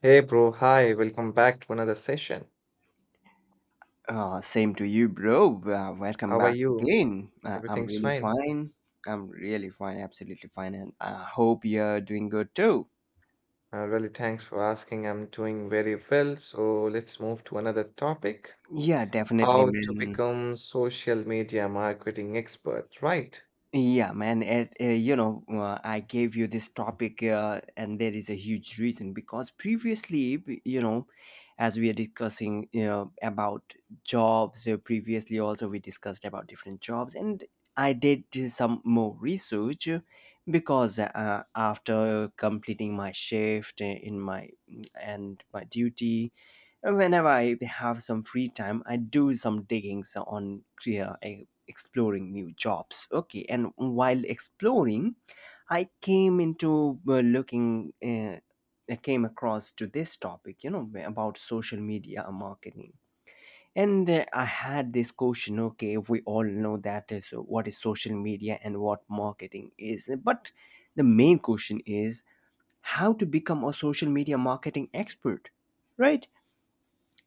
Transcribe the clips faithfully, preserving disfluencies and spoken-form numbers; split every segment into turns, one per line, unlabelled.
Hey bro, hi, welcome back to another session.
Uh, same to you, bro. Uh, welcome
How are
back
you?
again. Uh, I'm
Everything's
really
fine.
fine. I'm really fine, absolutely fine, and I hope you're doing good too.
Uh, really, thanks for asking. I'm doing very well. So let's move to another topic.
Yeah, definitely,
How to
man.
become social media marketing expert, right?
Yeah, man. It, uh, you know, uh, I gave you this topic, uh, and there is a huge reason because previously, b- you know, as we are discussing, you know, about jobs. Uh, previously, also we discussed about different jobs, and I did do some more research uh, because uh, after completing my shift uh, in my and my duty, whenever I have some free time, I do some diggings on career, exploring new jobs. Okay, and while exploring, i came into uh, looking uh, I came across to this topic, you know, about social media marketing. And uh, I had this question. Okay, we all know that is what is social media and what marketing is, but the main question is, how to become a social media marketing expert, right?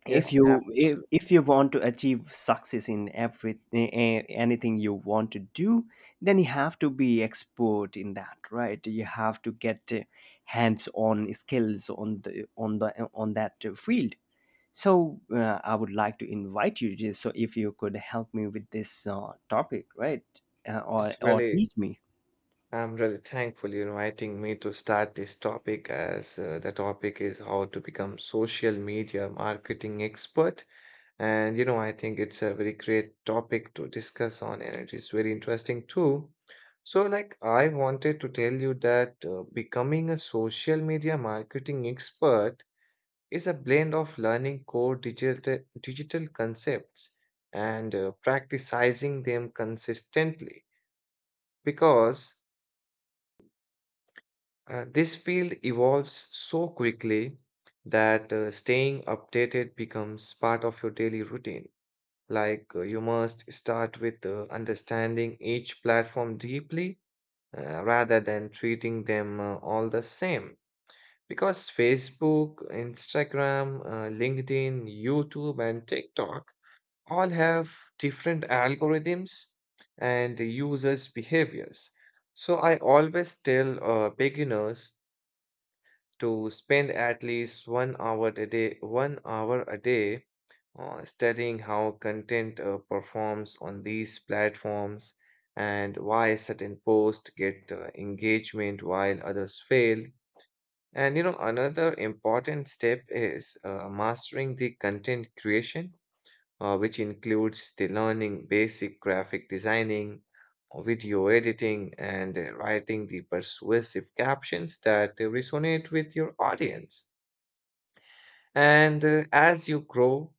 if
Yes,
you if,
absolutely.
if you want to achieve success in every eh, eh, anything you want to do, then you have to be expert in that, right? You have to get hands on skills on the on the on that uh, field. So uh, I would like to invite you, just so if you could help me with this uh, topic, right? uh, or
It's
or
really,
teach me.
I'm really thankful you're inviting me to start this topic as uh, the topic is how to become social media marketing expert. And you know, I think it's a very great topic to discuss on, and it is very interesting too. So, like, I wanted to tell you that uh, becoming a social media marketing expert is a blend of learning core digital digital concepts and uh, practicing them consistently because uh, this field evolves so quickly that uh, staying updated becomes part of your daily routine. Like, uh, you must start with uh, understanding each platform deeply uh, rather than treating them uh, all the same. Because Facebook, Instagram, uh, LinkedIn, YouTube, and TikTok all have different algorithms and users' behaviors. So I always tell uh, beginners to spend at least one hour a day, one hour a day uh, studying how content uh, performs on these platforms and why certain posts get uh, engagement while others fail. And you know, another important step is uh, mastering the content creation, uh, which includes the learning basic graphic designing, uh, video editing, and uh, writing the persuasive captions that uh, resonate with your audience. And uh, as you grow,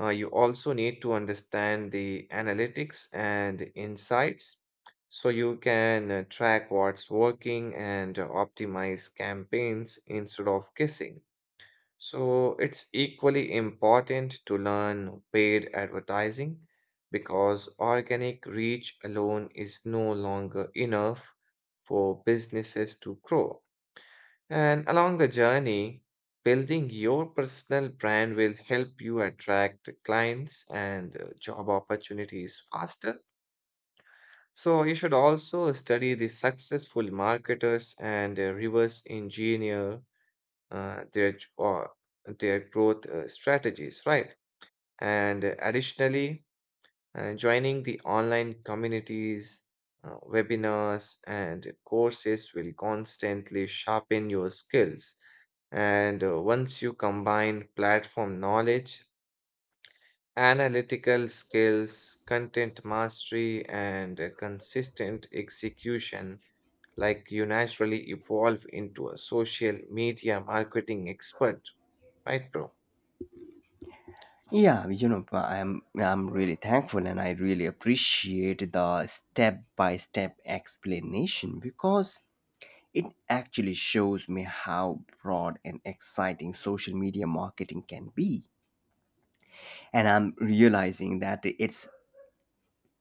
uh, you also need to understand the analytics and insights so you can uh, track what's working and uh, optimize campaigns instead of guessing. So it's equally important to learn paid advertising because organic reach alone is no longer enough for businesses to grow. And along the journey, building your personal brand will help you attract clients and uh, job opportunities faster. So, you should also study the successful marketers and uh, reverse engineer uh, their, j- or their growth uh, strategies, right? And uh, additionally, uh, joining the online communities, uh, webinars, and courses will constantly sharpen your skills. And uh, once you combine platform knowledge, analytical skills, content mastery, and uh, consistent execution, like you naturally evolve into a social media marketing expert, right, bro?
Yeah, you know, but I'm I'm really thankful and I really appreciate the step-by-step explanation because it actually shows me how broad and exciting social media marketing can be. And I'm realizing that it's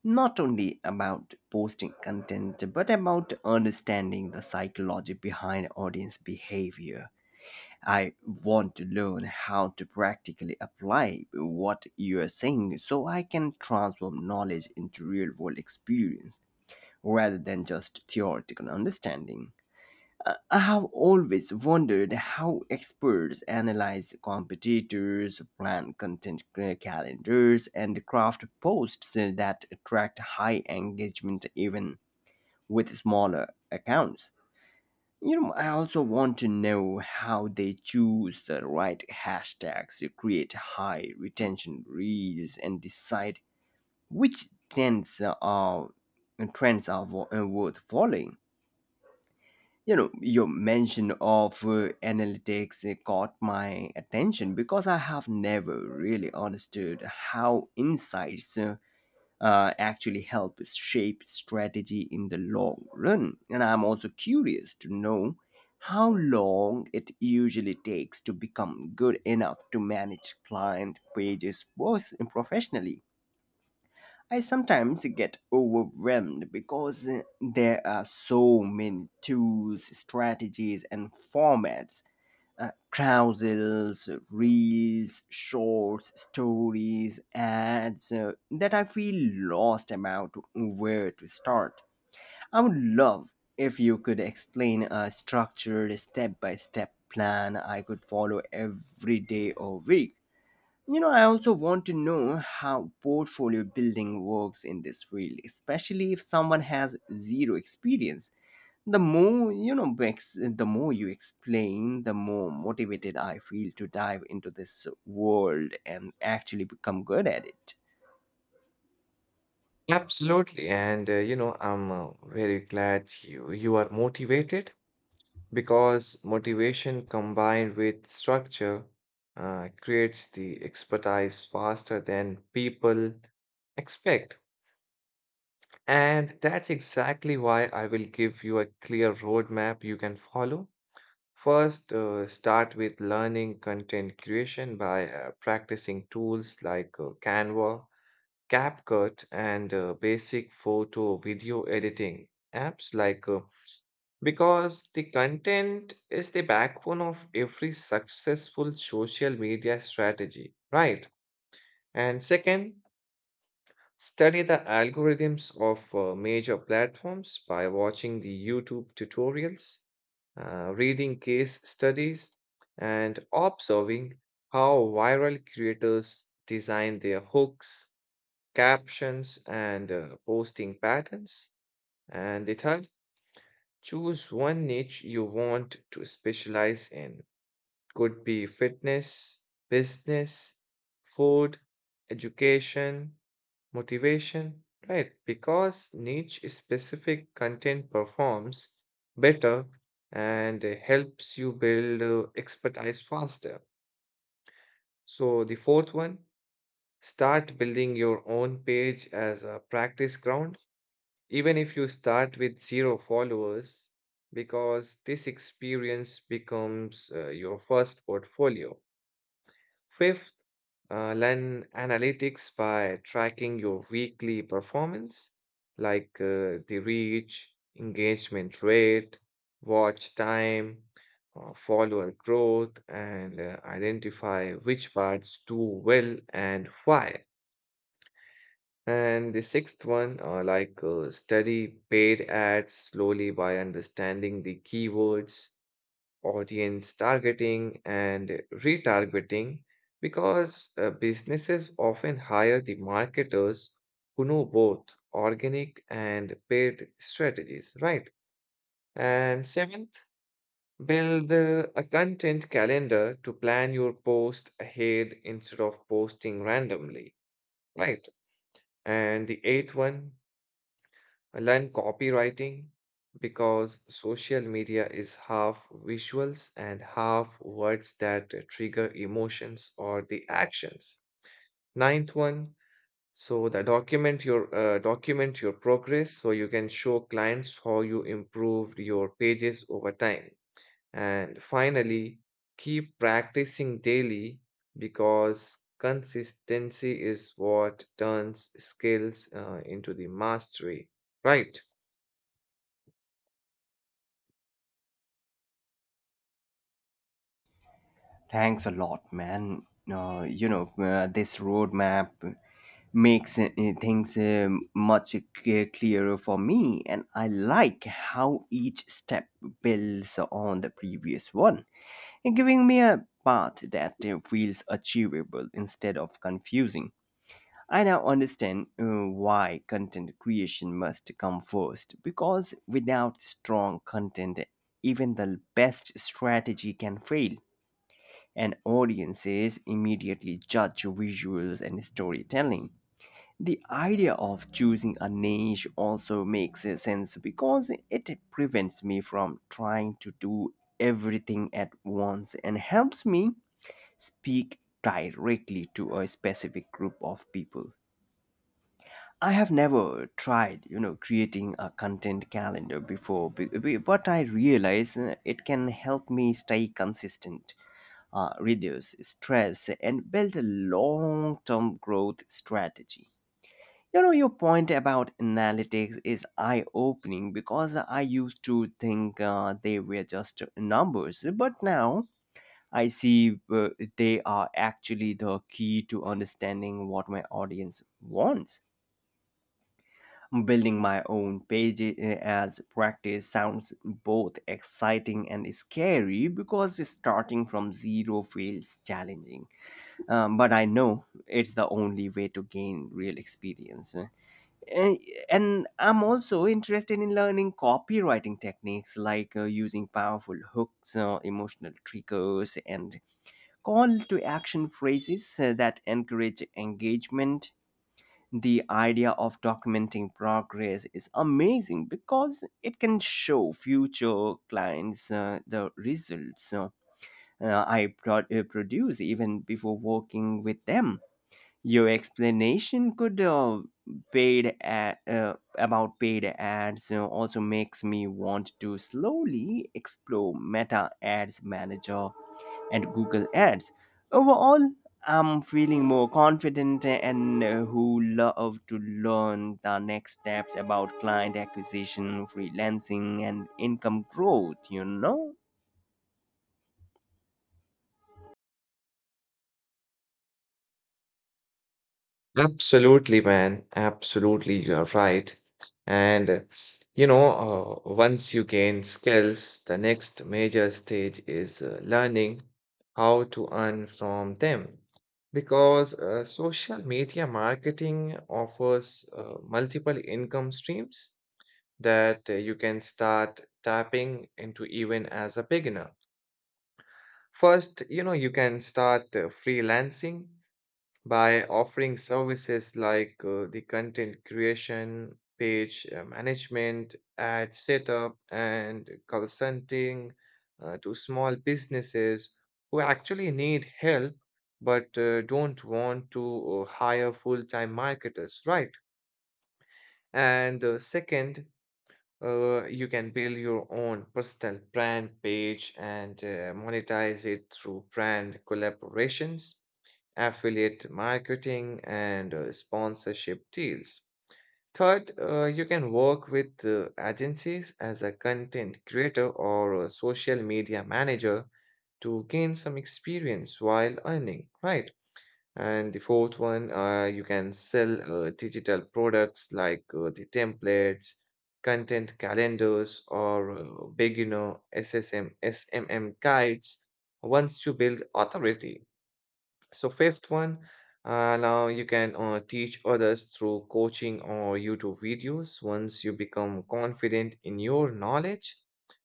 not only about posting content but about understanding the psychology behind audience behavior. I want to learn how to practically apply what you are saying so I can transform knowledge into real world experience rather than just theoretical understanding. I I have always wondered how experts analyze competitors, plan content ca- calendars, and craft posts that attract high engagement even with smaller accounts. You know, I also want to know how they choose the right hashtags to create high retention reels and decide which trends are trends are wo- uh, worth following. You know, your mention of uh, analytics uh, caught my attention because I have never really understood how insights uh, uh, actually help shape strategy in the long run. And I'm also curious to know how long it usually takes to become good enough to manage client pages pers- professionally. I sometimes get overwhelmed because uh, there are so many tools, strategies, and formats, uh, carousels, reels, shorts, stories, ads, uh, that I feel lost about where to start. I would love if you could explain a structured step by step plan I could follow every day or week. You know, I also want to know how portfolio building works in this field, especially if someone has zero experience. The more you know ex- the more you explain, the more motivated I feel to dive into this world and actually become good at it.
Absolutely. And uh, you know, I'm uh, very glad you you are motivated, because motivation combined with structure uh, creates the expertise faster than people expect. And that's exactly why I will give you a clear roadmap you can follow. First, uh, start with learning content creation by uh, practicing tools like uh, Canva, CapCut, and uh, basic photo video editing apps like uh, because the content is the backbone of every successful social media strategy, right? And second, study the algorithms of uh, major platforms by watching the YouTube tutorials, uh, reading case studies, and observing how viral creators design their hooks, captions, and uh, posting patterns. And the third, choose one niche you want to specialize in. Could be fitness, business, food, education, motivation, right? Because niche specific content performs better and uh, helps you build uh, expertise faster. So, the fourth one, start building your own page as a practice ground even if you start with zero followers, because this experience becomes uh, your first portfolio. Fifth, uh, learn analytics by tracking your weekly performance, like uh, the reach, engagement rate, watch time, uh, follower growth, and uh, identify which parts do well and why. And the sixth one, uh, like uh, study paid ads slowly by understanding the keywords, audience targeting, and retargeting, because uh, businesses often hire the marketers who know both organic and paid strategies, right? And seventh, build uh, a content calendar to plan your post ahead instead of posting randomly, right? And the eighth one, I learned copywriting because social media is half visuals and half words that trigger emotions or the actions. Ninth one, so the document your uh, document your progress so you can show clients how you improved your pages over time. And finally, keep practicing daily because consistency is what turns skills uh, into the mastery, right?
Thanks a lot, man. Uh, you know uh, this roadmap makes uh, things uh, much c- clearer for me, and I like how each step builds on the previous one, giving me a path that uh, feels achievable instead of confusing. I now understand uh, why content creation must come first because without strong content, even the best strategy can fail, and audiences immediately judge visuals and storytelling. The idea of choosing a niche also makes sense because it prevents me from trying to do everything at once and helps me speak directly to a specific group of people. I have never tried, you know, creating a content calendar before, be- be- but I realize uh, it can help me stay consistent, uh, reduce stress, and build a long-term growth strategy. You know, your point about analytics is eye-opening because I used to think uh, they were just numbers, but now I see uh, they are actually the key to understanding what my audience wants. Building my own page eh, as practice sounds both exciting and scary because starting from zero feels challenging. Um, but I know it's the only way to gain real experience. Eh, Eh, And I'm also interested in learning copywriting techniques like uh, using powerful hooks, uh, emotional triggers, and call to action phrases uh, that encourage engagement. The idea of documenting progress is amazing because it can show future clients uh, the results. So uh, I pro- uh, produce even before working with them. Your explanation could uh, paid ad, uh, about paid ads uh, also makes me want to slowly explore Meta Ads Manager and Google Ads. Overall, I'm feeling more confident and uh, who love to learn the next steps about client acquisition, freelancing, and income growth, you know?
Absolutely, man. Absolutely, you are right. And uh, you know, uh, once you gain skills, the next major stage is uh, learning how to earn from them. Because uh, social media marketing offers uh, multiple income streams that uh, you can start tapping into even as a beginner. First, you know, you can start uh, freelancing by offering services like uh, the content creation, page uh, management, ad setup, and consulting uh, to small businesses who actually need help but uh, don't want to uh, hire full time marketers, right? And uh, second, uh, you can build your own personal brand page and uh, monetize it through brand collaborations, affiliate marketing, and uh, sponsorship deals. Third, uh, you can work with uh, agencies as a content creator or a social media manager to gain some experience while earning, right? And the fourth one, uh, you can sell uh, digital products like uh, the templates, content calendars, or uh, beginner S S M, S M M guides once you build authority. So fifth one, uh, now you can uh, teach others through coaching or YouTube videos once you become confident in your knowledge.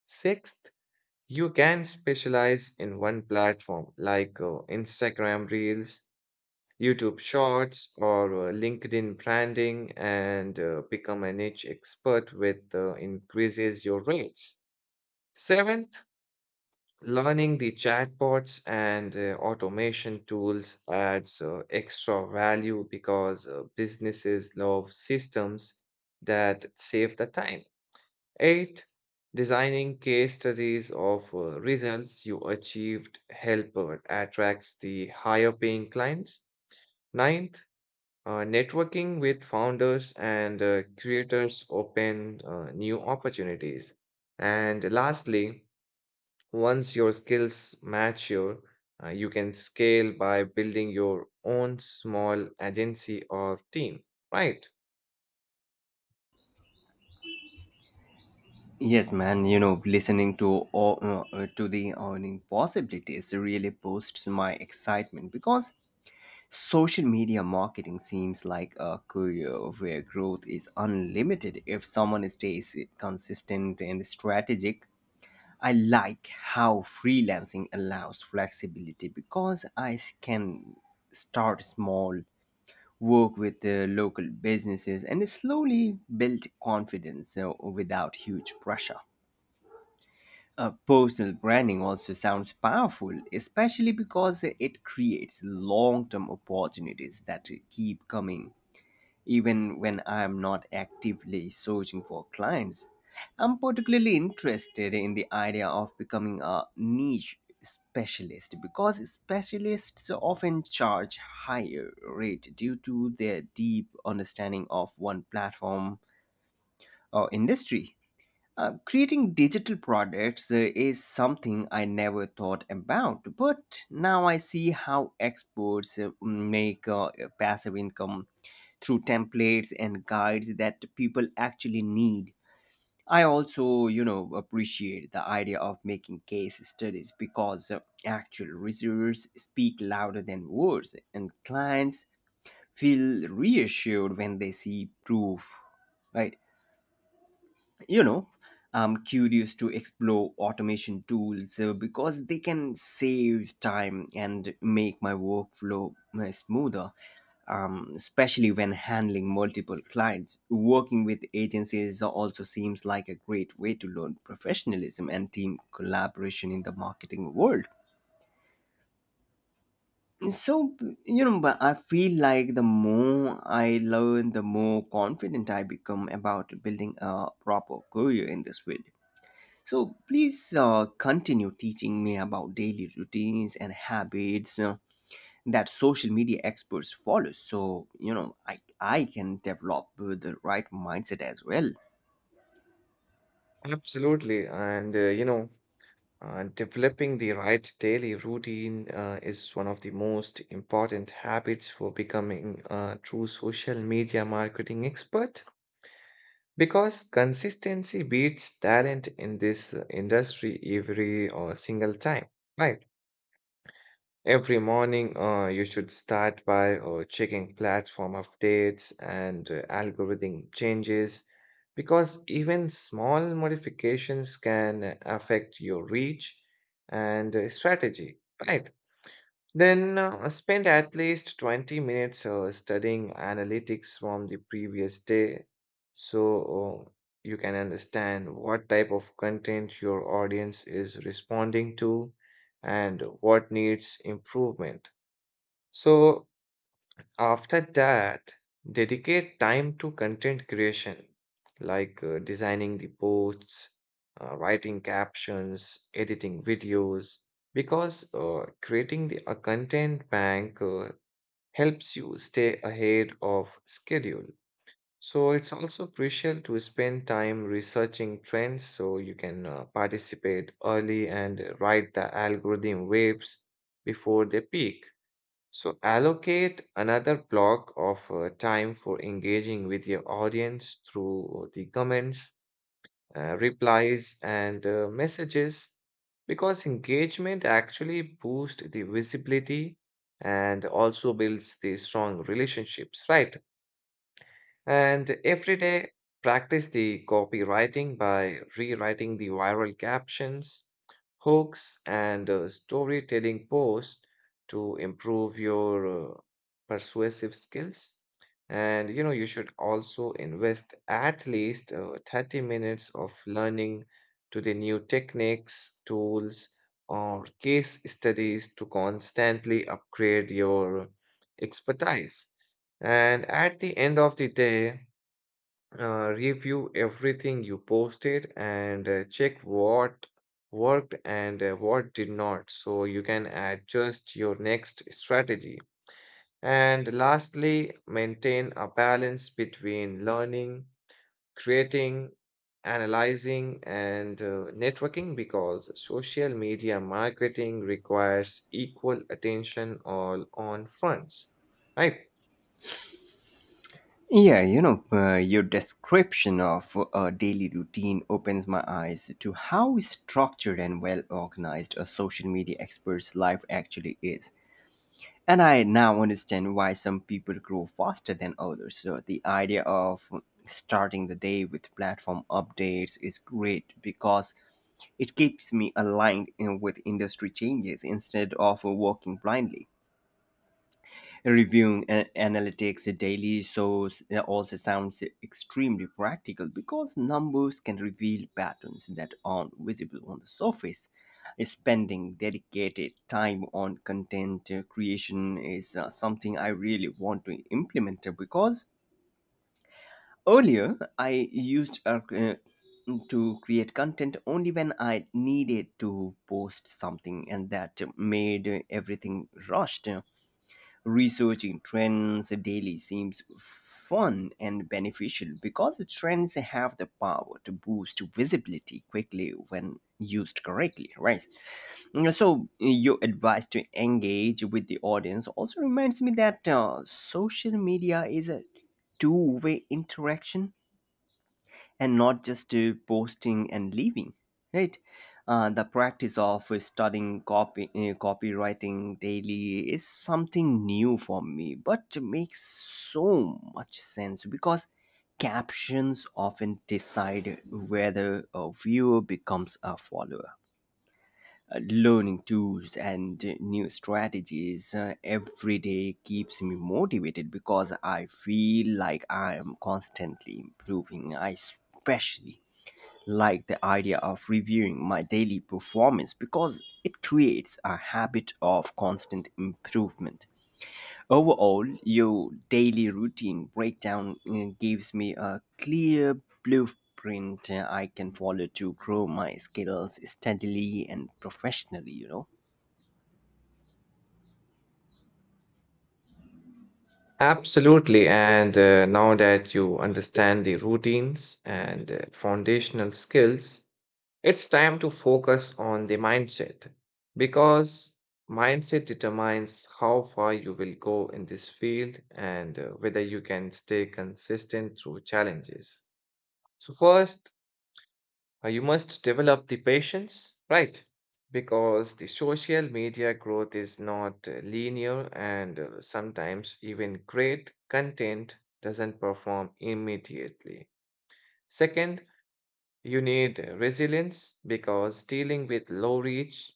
Sixth, you can specialize in one platform like uh, Instagram Reels, YouTube Shorts, or uh, LinkedIn branding and uh, become a niche expert with uh, increases your rates. Seventh, learning the chatbots and uh, automation tools adds uh, extra value because uh, businesses love systems that save the time. Eight, designing case studies of uh, results you achieved help uh, attracts the higher paying clients. Ninth, uh, networking with founders and uh, creators open uh, new opportunities. And lastly, once your skills mature, uh, you can scale by building your own small agency or team. Right.
Yes, man. You know, listening to all, uh, to the earning possibilities really boosts my excitement because social media marketing seems like a career where growth is unlimited if someone stays consistent and strategic. I like how freelancing allows flexibility because I can start small, work with uh, local businesses, and slowly build confidence uh, without huge pressure. Uh, personal branding also sounds powerful, especially because it creates long term opportunities that keep coming even when I'm not actively searching for clients. I'm particularly interested in the idea of becoming a niche specialist because specialists often charge higher rate due to their deep understanding of one platform or industry. Uh, creating digital products uh, is something I never thought about, but now I see how experts uh, make uh, passive income through templates and guides that people actually need. I also, you know, appreciate the idea of making case studies because uh, actual results speak louder than words and clients feel reassured when they see proof, right? You know, I'm curious to explore automation tools uh, because they can save time and make my workflow uh, smoother, um, especially when handling multiple clients. Working with agencies also seems like a great way to learn professionalism and team collaboration in the marketing world. So, you know, but I feel like the more I learn, the more confident I become about building a proper career in this field. So please uh, continue teaching me about daily routines and habits uh, that social media experts follow. So you know, I I can develop uh, the right mindset as well.
Absolutely. And, uh, you know, uh, developing the right daily routine uh, is one of the most important habits for becoming a true social media marketing expert because consistency beats talent in this uh, industry every uh, single time. Right. Every morning, uh, you should start by uh, checking platform updates and uh, algorithm changes because even small modifications can affect your reach and uh, strategy, right? Then uh, spend at least twenty minutes uh, studying analytics from the previous day so uh, you can understand what type of content your audience is responding to and what needs improvement. So, after that, dedicate time to content creation, like uh, designing the posts, uh, writing captions, editing videos, because uh, creating the, a content bank uh, helps you stay ahead of schedule. So it's also crucial to spend time researching trends so you can uh, participate early and uh, ride the algorithm waves before they peak. So allocate another block of uh, time for engaging with your audience through the comments, uh, replies, and uh, messages because engagement actually boosts the visibility and also builds the strong relationships, right? And every day, practice the copywriting by rewriting the viral captions, hooks, and uh, storytelling posts to improve your uh, persuasive skills. And you know, you should also invest at least uh, thirty minutes of learning to the new techniques, tools, or case studies to constantly upgrade your expertise. And at the end of the day, uh, review everything you posted and uh, check what worked and uh, what did not so you can adjust your next strategy. And lastly, maintain a balance between learning, creating, analyzing, and uh, networking because social media marketing requires equal attention all on fronts, right?
Yeah, you know, uh, your description of a daily routine opens my eyes to how structured and well organized a social media expert's life actually is. And I now understand why some people grow faster than others. So the idea of starting the day with platform updates is great because it keeps me aligned you with industry changes instead of working blindly. Reviewing and analytics daily shows also sounds extremely practical because numbers can reveal patterns that aren't visible on the surface. Spending dedicated time on content creation is uh, something I really want to implement because earlier I used uh, uh, to create content only when I needed to post something, and that made everything rushed. Researching trends daily seems fun and beneficial because trends have the power to boost visibility quickly when used correctly, right? You know, so, your advice to engage with the audience also reminds me that uh, social media is a two way interaction and not just uh, posting and leaving, right? Uh, the practice of studying copy uh, copywriting daily is something new for me but makes so much sense because captions often decide whether a viewer becomes a follower. Uh, Learning tools and uh, new strategies uh, every day keeps me motivated because I feel like I am constantly improving. I especially like the idea of reviewing my daily performance because it creates a habit of constant improvement. Overall, your daily routine breakdown uh, gives me a clear blueprint uh, I can follow to grow my skills steadily and professionally, you know.
Absolutely. And uh, now that you understand the routines and uh, foundational skills, it's time to focus on the mindset because mindset determines how far you will go in this field and uh, whether you can stay consistent through challenges. So, first, uh, you must develop the patience, right? Because the social media growth is not uh, linear and uh, sometimes even great content doesn't perform immediately. Second, you need uh, resilience because dealing with low reach,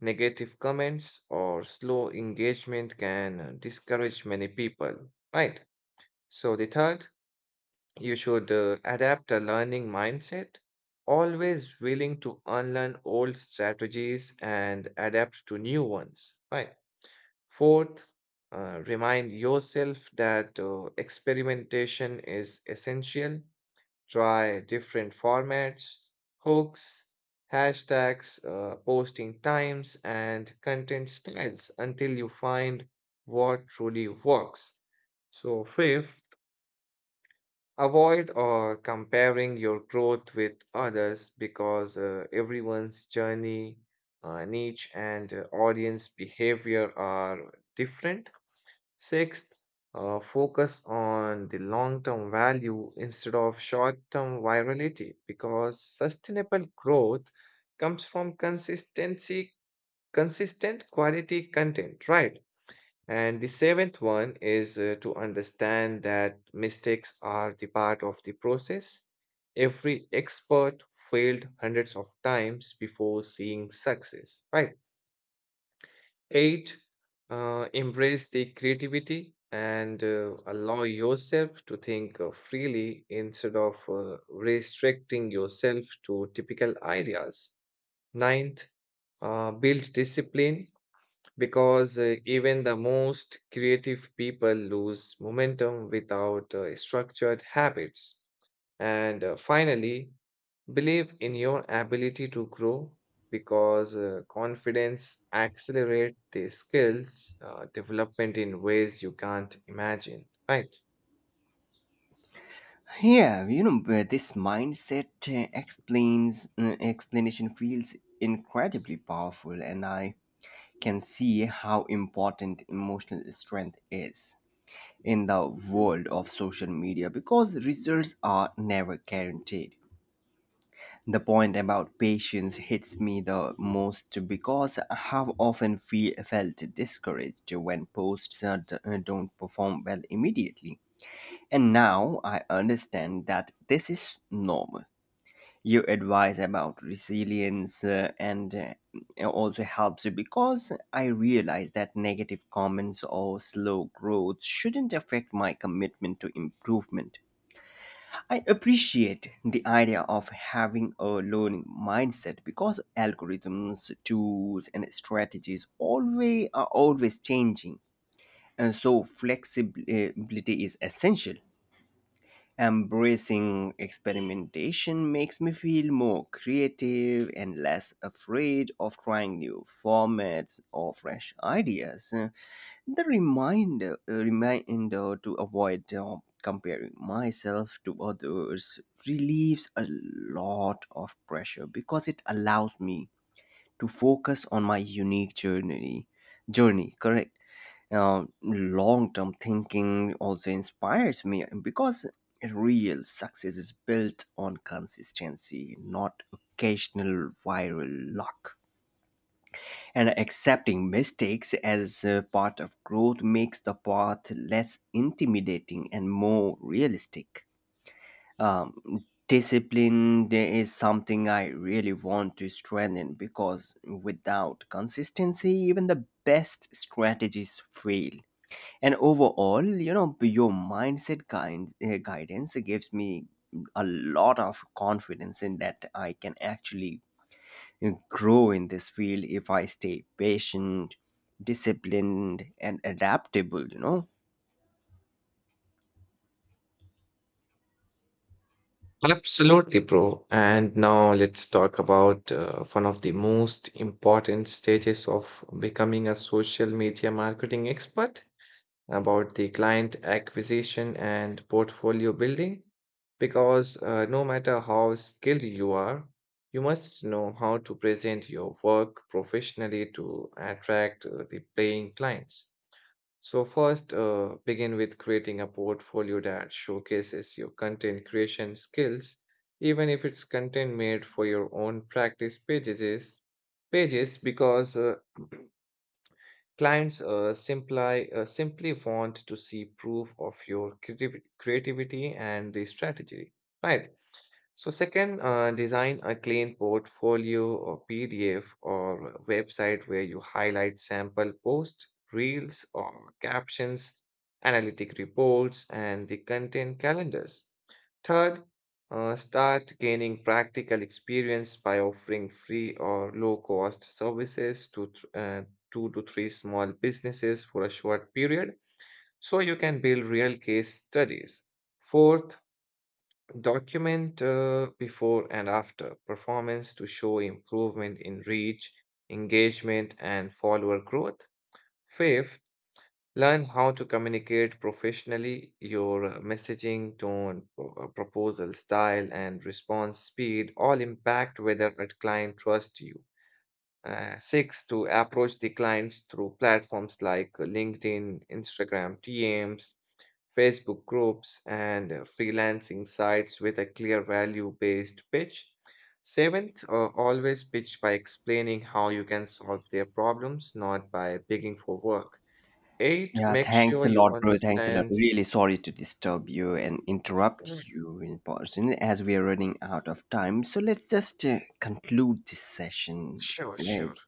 negative comments, or slow engagement can uh, discourage many people, right? So, the third, you should uh, adapt a learning mindset, always willing to unlearn old strategies and adapt to new ones. Right. Fourth, uh, remind yourself that uh, experimentation is essential. Try different formats, hooks, hashtags, uh, posting times, and content styles until you find what truly works. So, fifth, avoid or comparing your growth with others because uh, everyone's journey, uh, niche, and uh, audience behavior are different. Sixth, uh, focus on the long term value instead of short term virality because sustainable growth comes from consistency, consistent quality content, right? And the seventh one is uh, to understand that mistakes are the part of the process. Every expert failed hundreds of times before seeing success, right? Eight, uh, embrace the creativity and uh, allow yourself to think uh, freely instead of uh, restricting yourself to typical ideas. Ninth, uh, build discipline because uh, even the most creative people lose momentum without uh, structured habits. And uh, finally, believe in your ability to grow because uh, confidence accelerates the skills uh, development in ways you can't imagine, right?
Yeah, you know, but this mindset uh, explains uh, explanation feels incredibly powerful and I can see how important emotional strength is in the world of social media because results are never guaranteed. The point about patience hits me the most because I have often feel, felt discouraged when posts uh, d- uh, don't perform well immediately. And now I understand that this is normal. Your advice about resilience uh, and uh, it also helps because I realize that negative comments or slow growth shouldn't affect my commitment to improvement. I appreciate the idea of having a learning mindset because algorithms, tools, and strategies always are always changing, and so flexibility is essential. Embracing experimentation makes me feel more creative and less afraid of trying new formats or fresh ideas. Uh, The reminder, uh, reminder to avoid uh, comparing myself to others relieves a lot of pressure because it allows me to focus on my unique journey journey correct. Um, long-term thinking also inspires me because real success is built on consistency, not occasional viral luck. And accepting mistakes as a part of growth makes the path less intimidating and more realistic. um, Discipline is something I really want to strengthen because without consistency, even the best strategies fail. And overall, you know, your mindset guide, uh, guidance gives me a lot of confidence in that I can actually uh, grow in this field if I stay patient, disciplined, and adaptable, you know.
Absolutely, bro. And now let's talk about uh, one of the most important stages of becoming a social media marketing expert about the client acquisition and portfolio building because uh, no matter how skilled you are, you must know how to present your work professionally to attract uh, the paying clients. So, first, uh, begin with creating a portfolio that showcases your content creation skills, even if it's content made for your own practice pages. Pages because uh, clients uh, simply, uh, simply want to see proof of your creativ- creativity and the strategy, right? So second, uh, design a clean portfolio or P D F or a website where you highlight sample posts, reels or captions, analytic reports, and the content calendars. Third, uh, start gaining practical experience by offering free or low cost services to th- uh, two to three small businesses for a short period so you can build real case studies. Fourth, document uh, before and after performance to show improvement in reach, engagement, and follower growth. Fifth, learn how to communicate professionally. Your uh, messaging, tone, pro- uh, proposal style, and response speed all impact whether a client trusts you. Uh, six, to approach the clients through platforms like LinkedIn, Instagram D Ms, Facebook groups, and uh, freelancing sites with a clear value based pitch. Seventh, uh, always pitch by explaining how you can solve their problems, not by begging for work. Eight,
Yeah,
make
thanks
sure
a
you
lot, bro. Thanks a lot.
understand.
Really sorry to disturb you and
Mm,
interrupt you in person as we are running out of time. So let's just uh, conclude this session,
sure, sure.
right?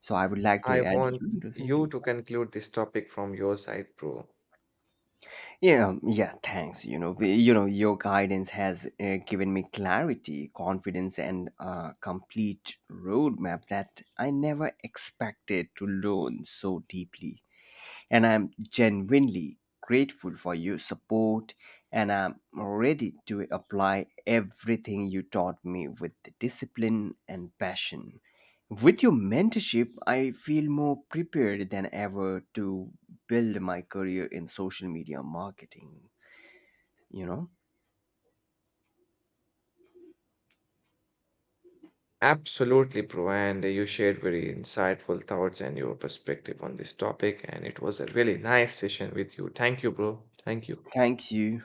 So I would like
I
to add
want
you into
you
the...
to conclude this topic from your side, bro.
Yeah, um, yeah. Thanks. You know, we- you know, your guidance has uh, given me clarity, confidence, and a complete roadmap that I never expected to learn so deeply. And I'm genuinely grateful for your support, and I'm ready to apply everything you taught me with the discipline and passion. With your mentorship, I feel more prepared than ever to build my career in social media marketing, you know?
Absolutely, bro. And you shared very insightful thoughts and your perspective on this topic. And it was a really nice session with you. Thank you, bro. Thank you.
Thank you.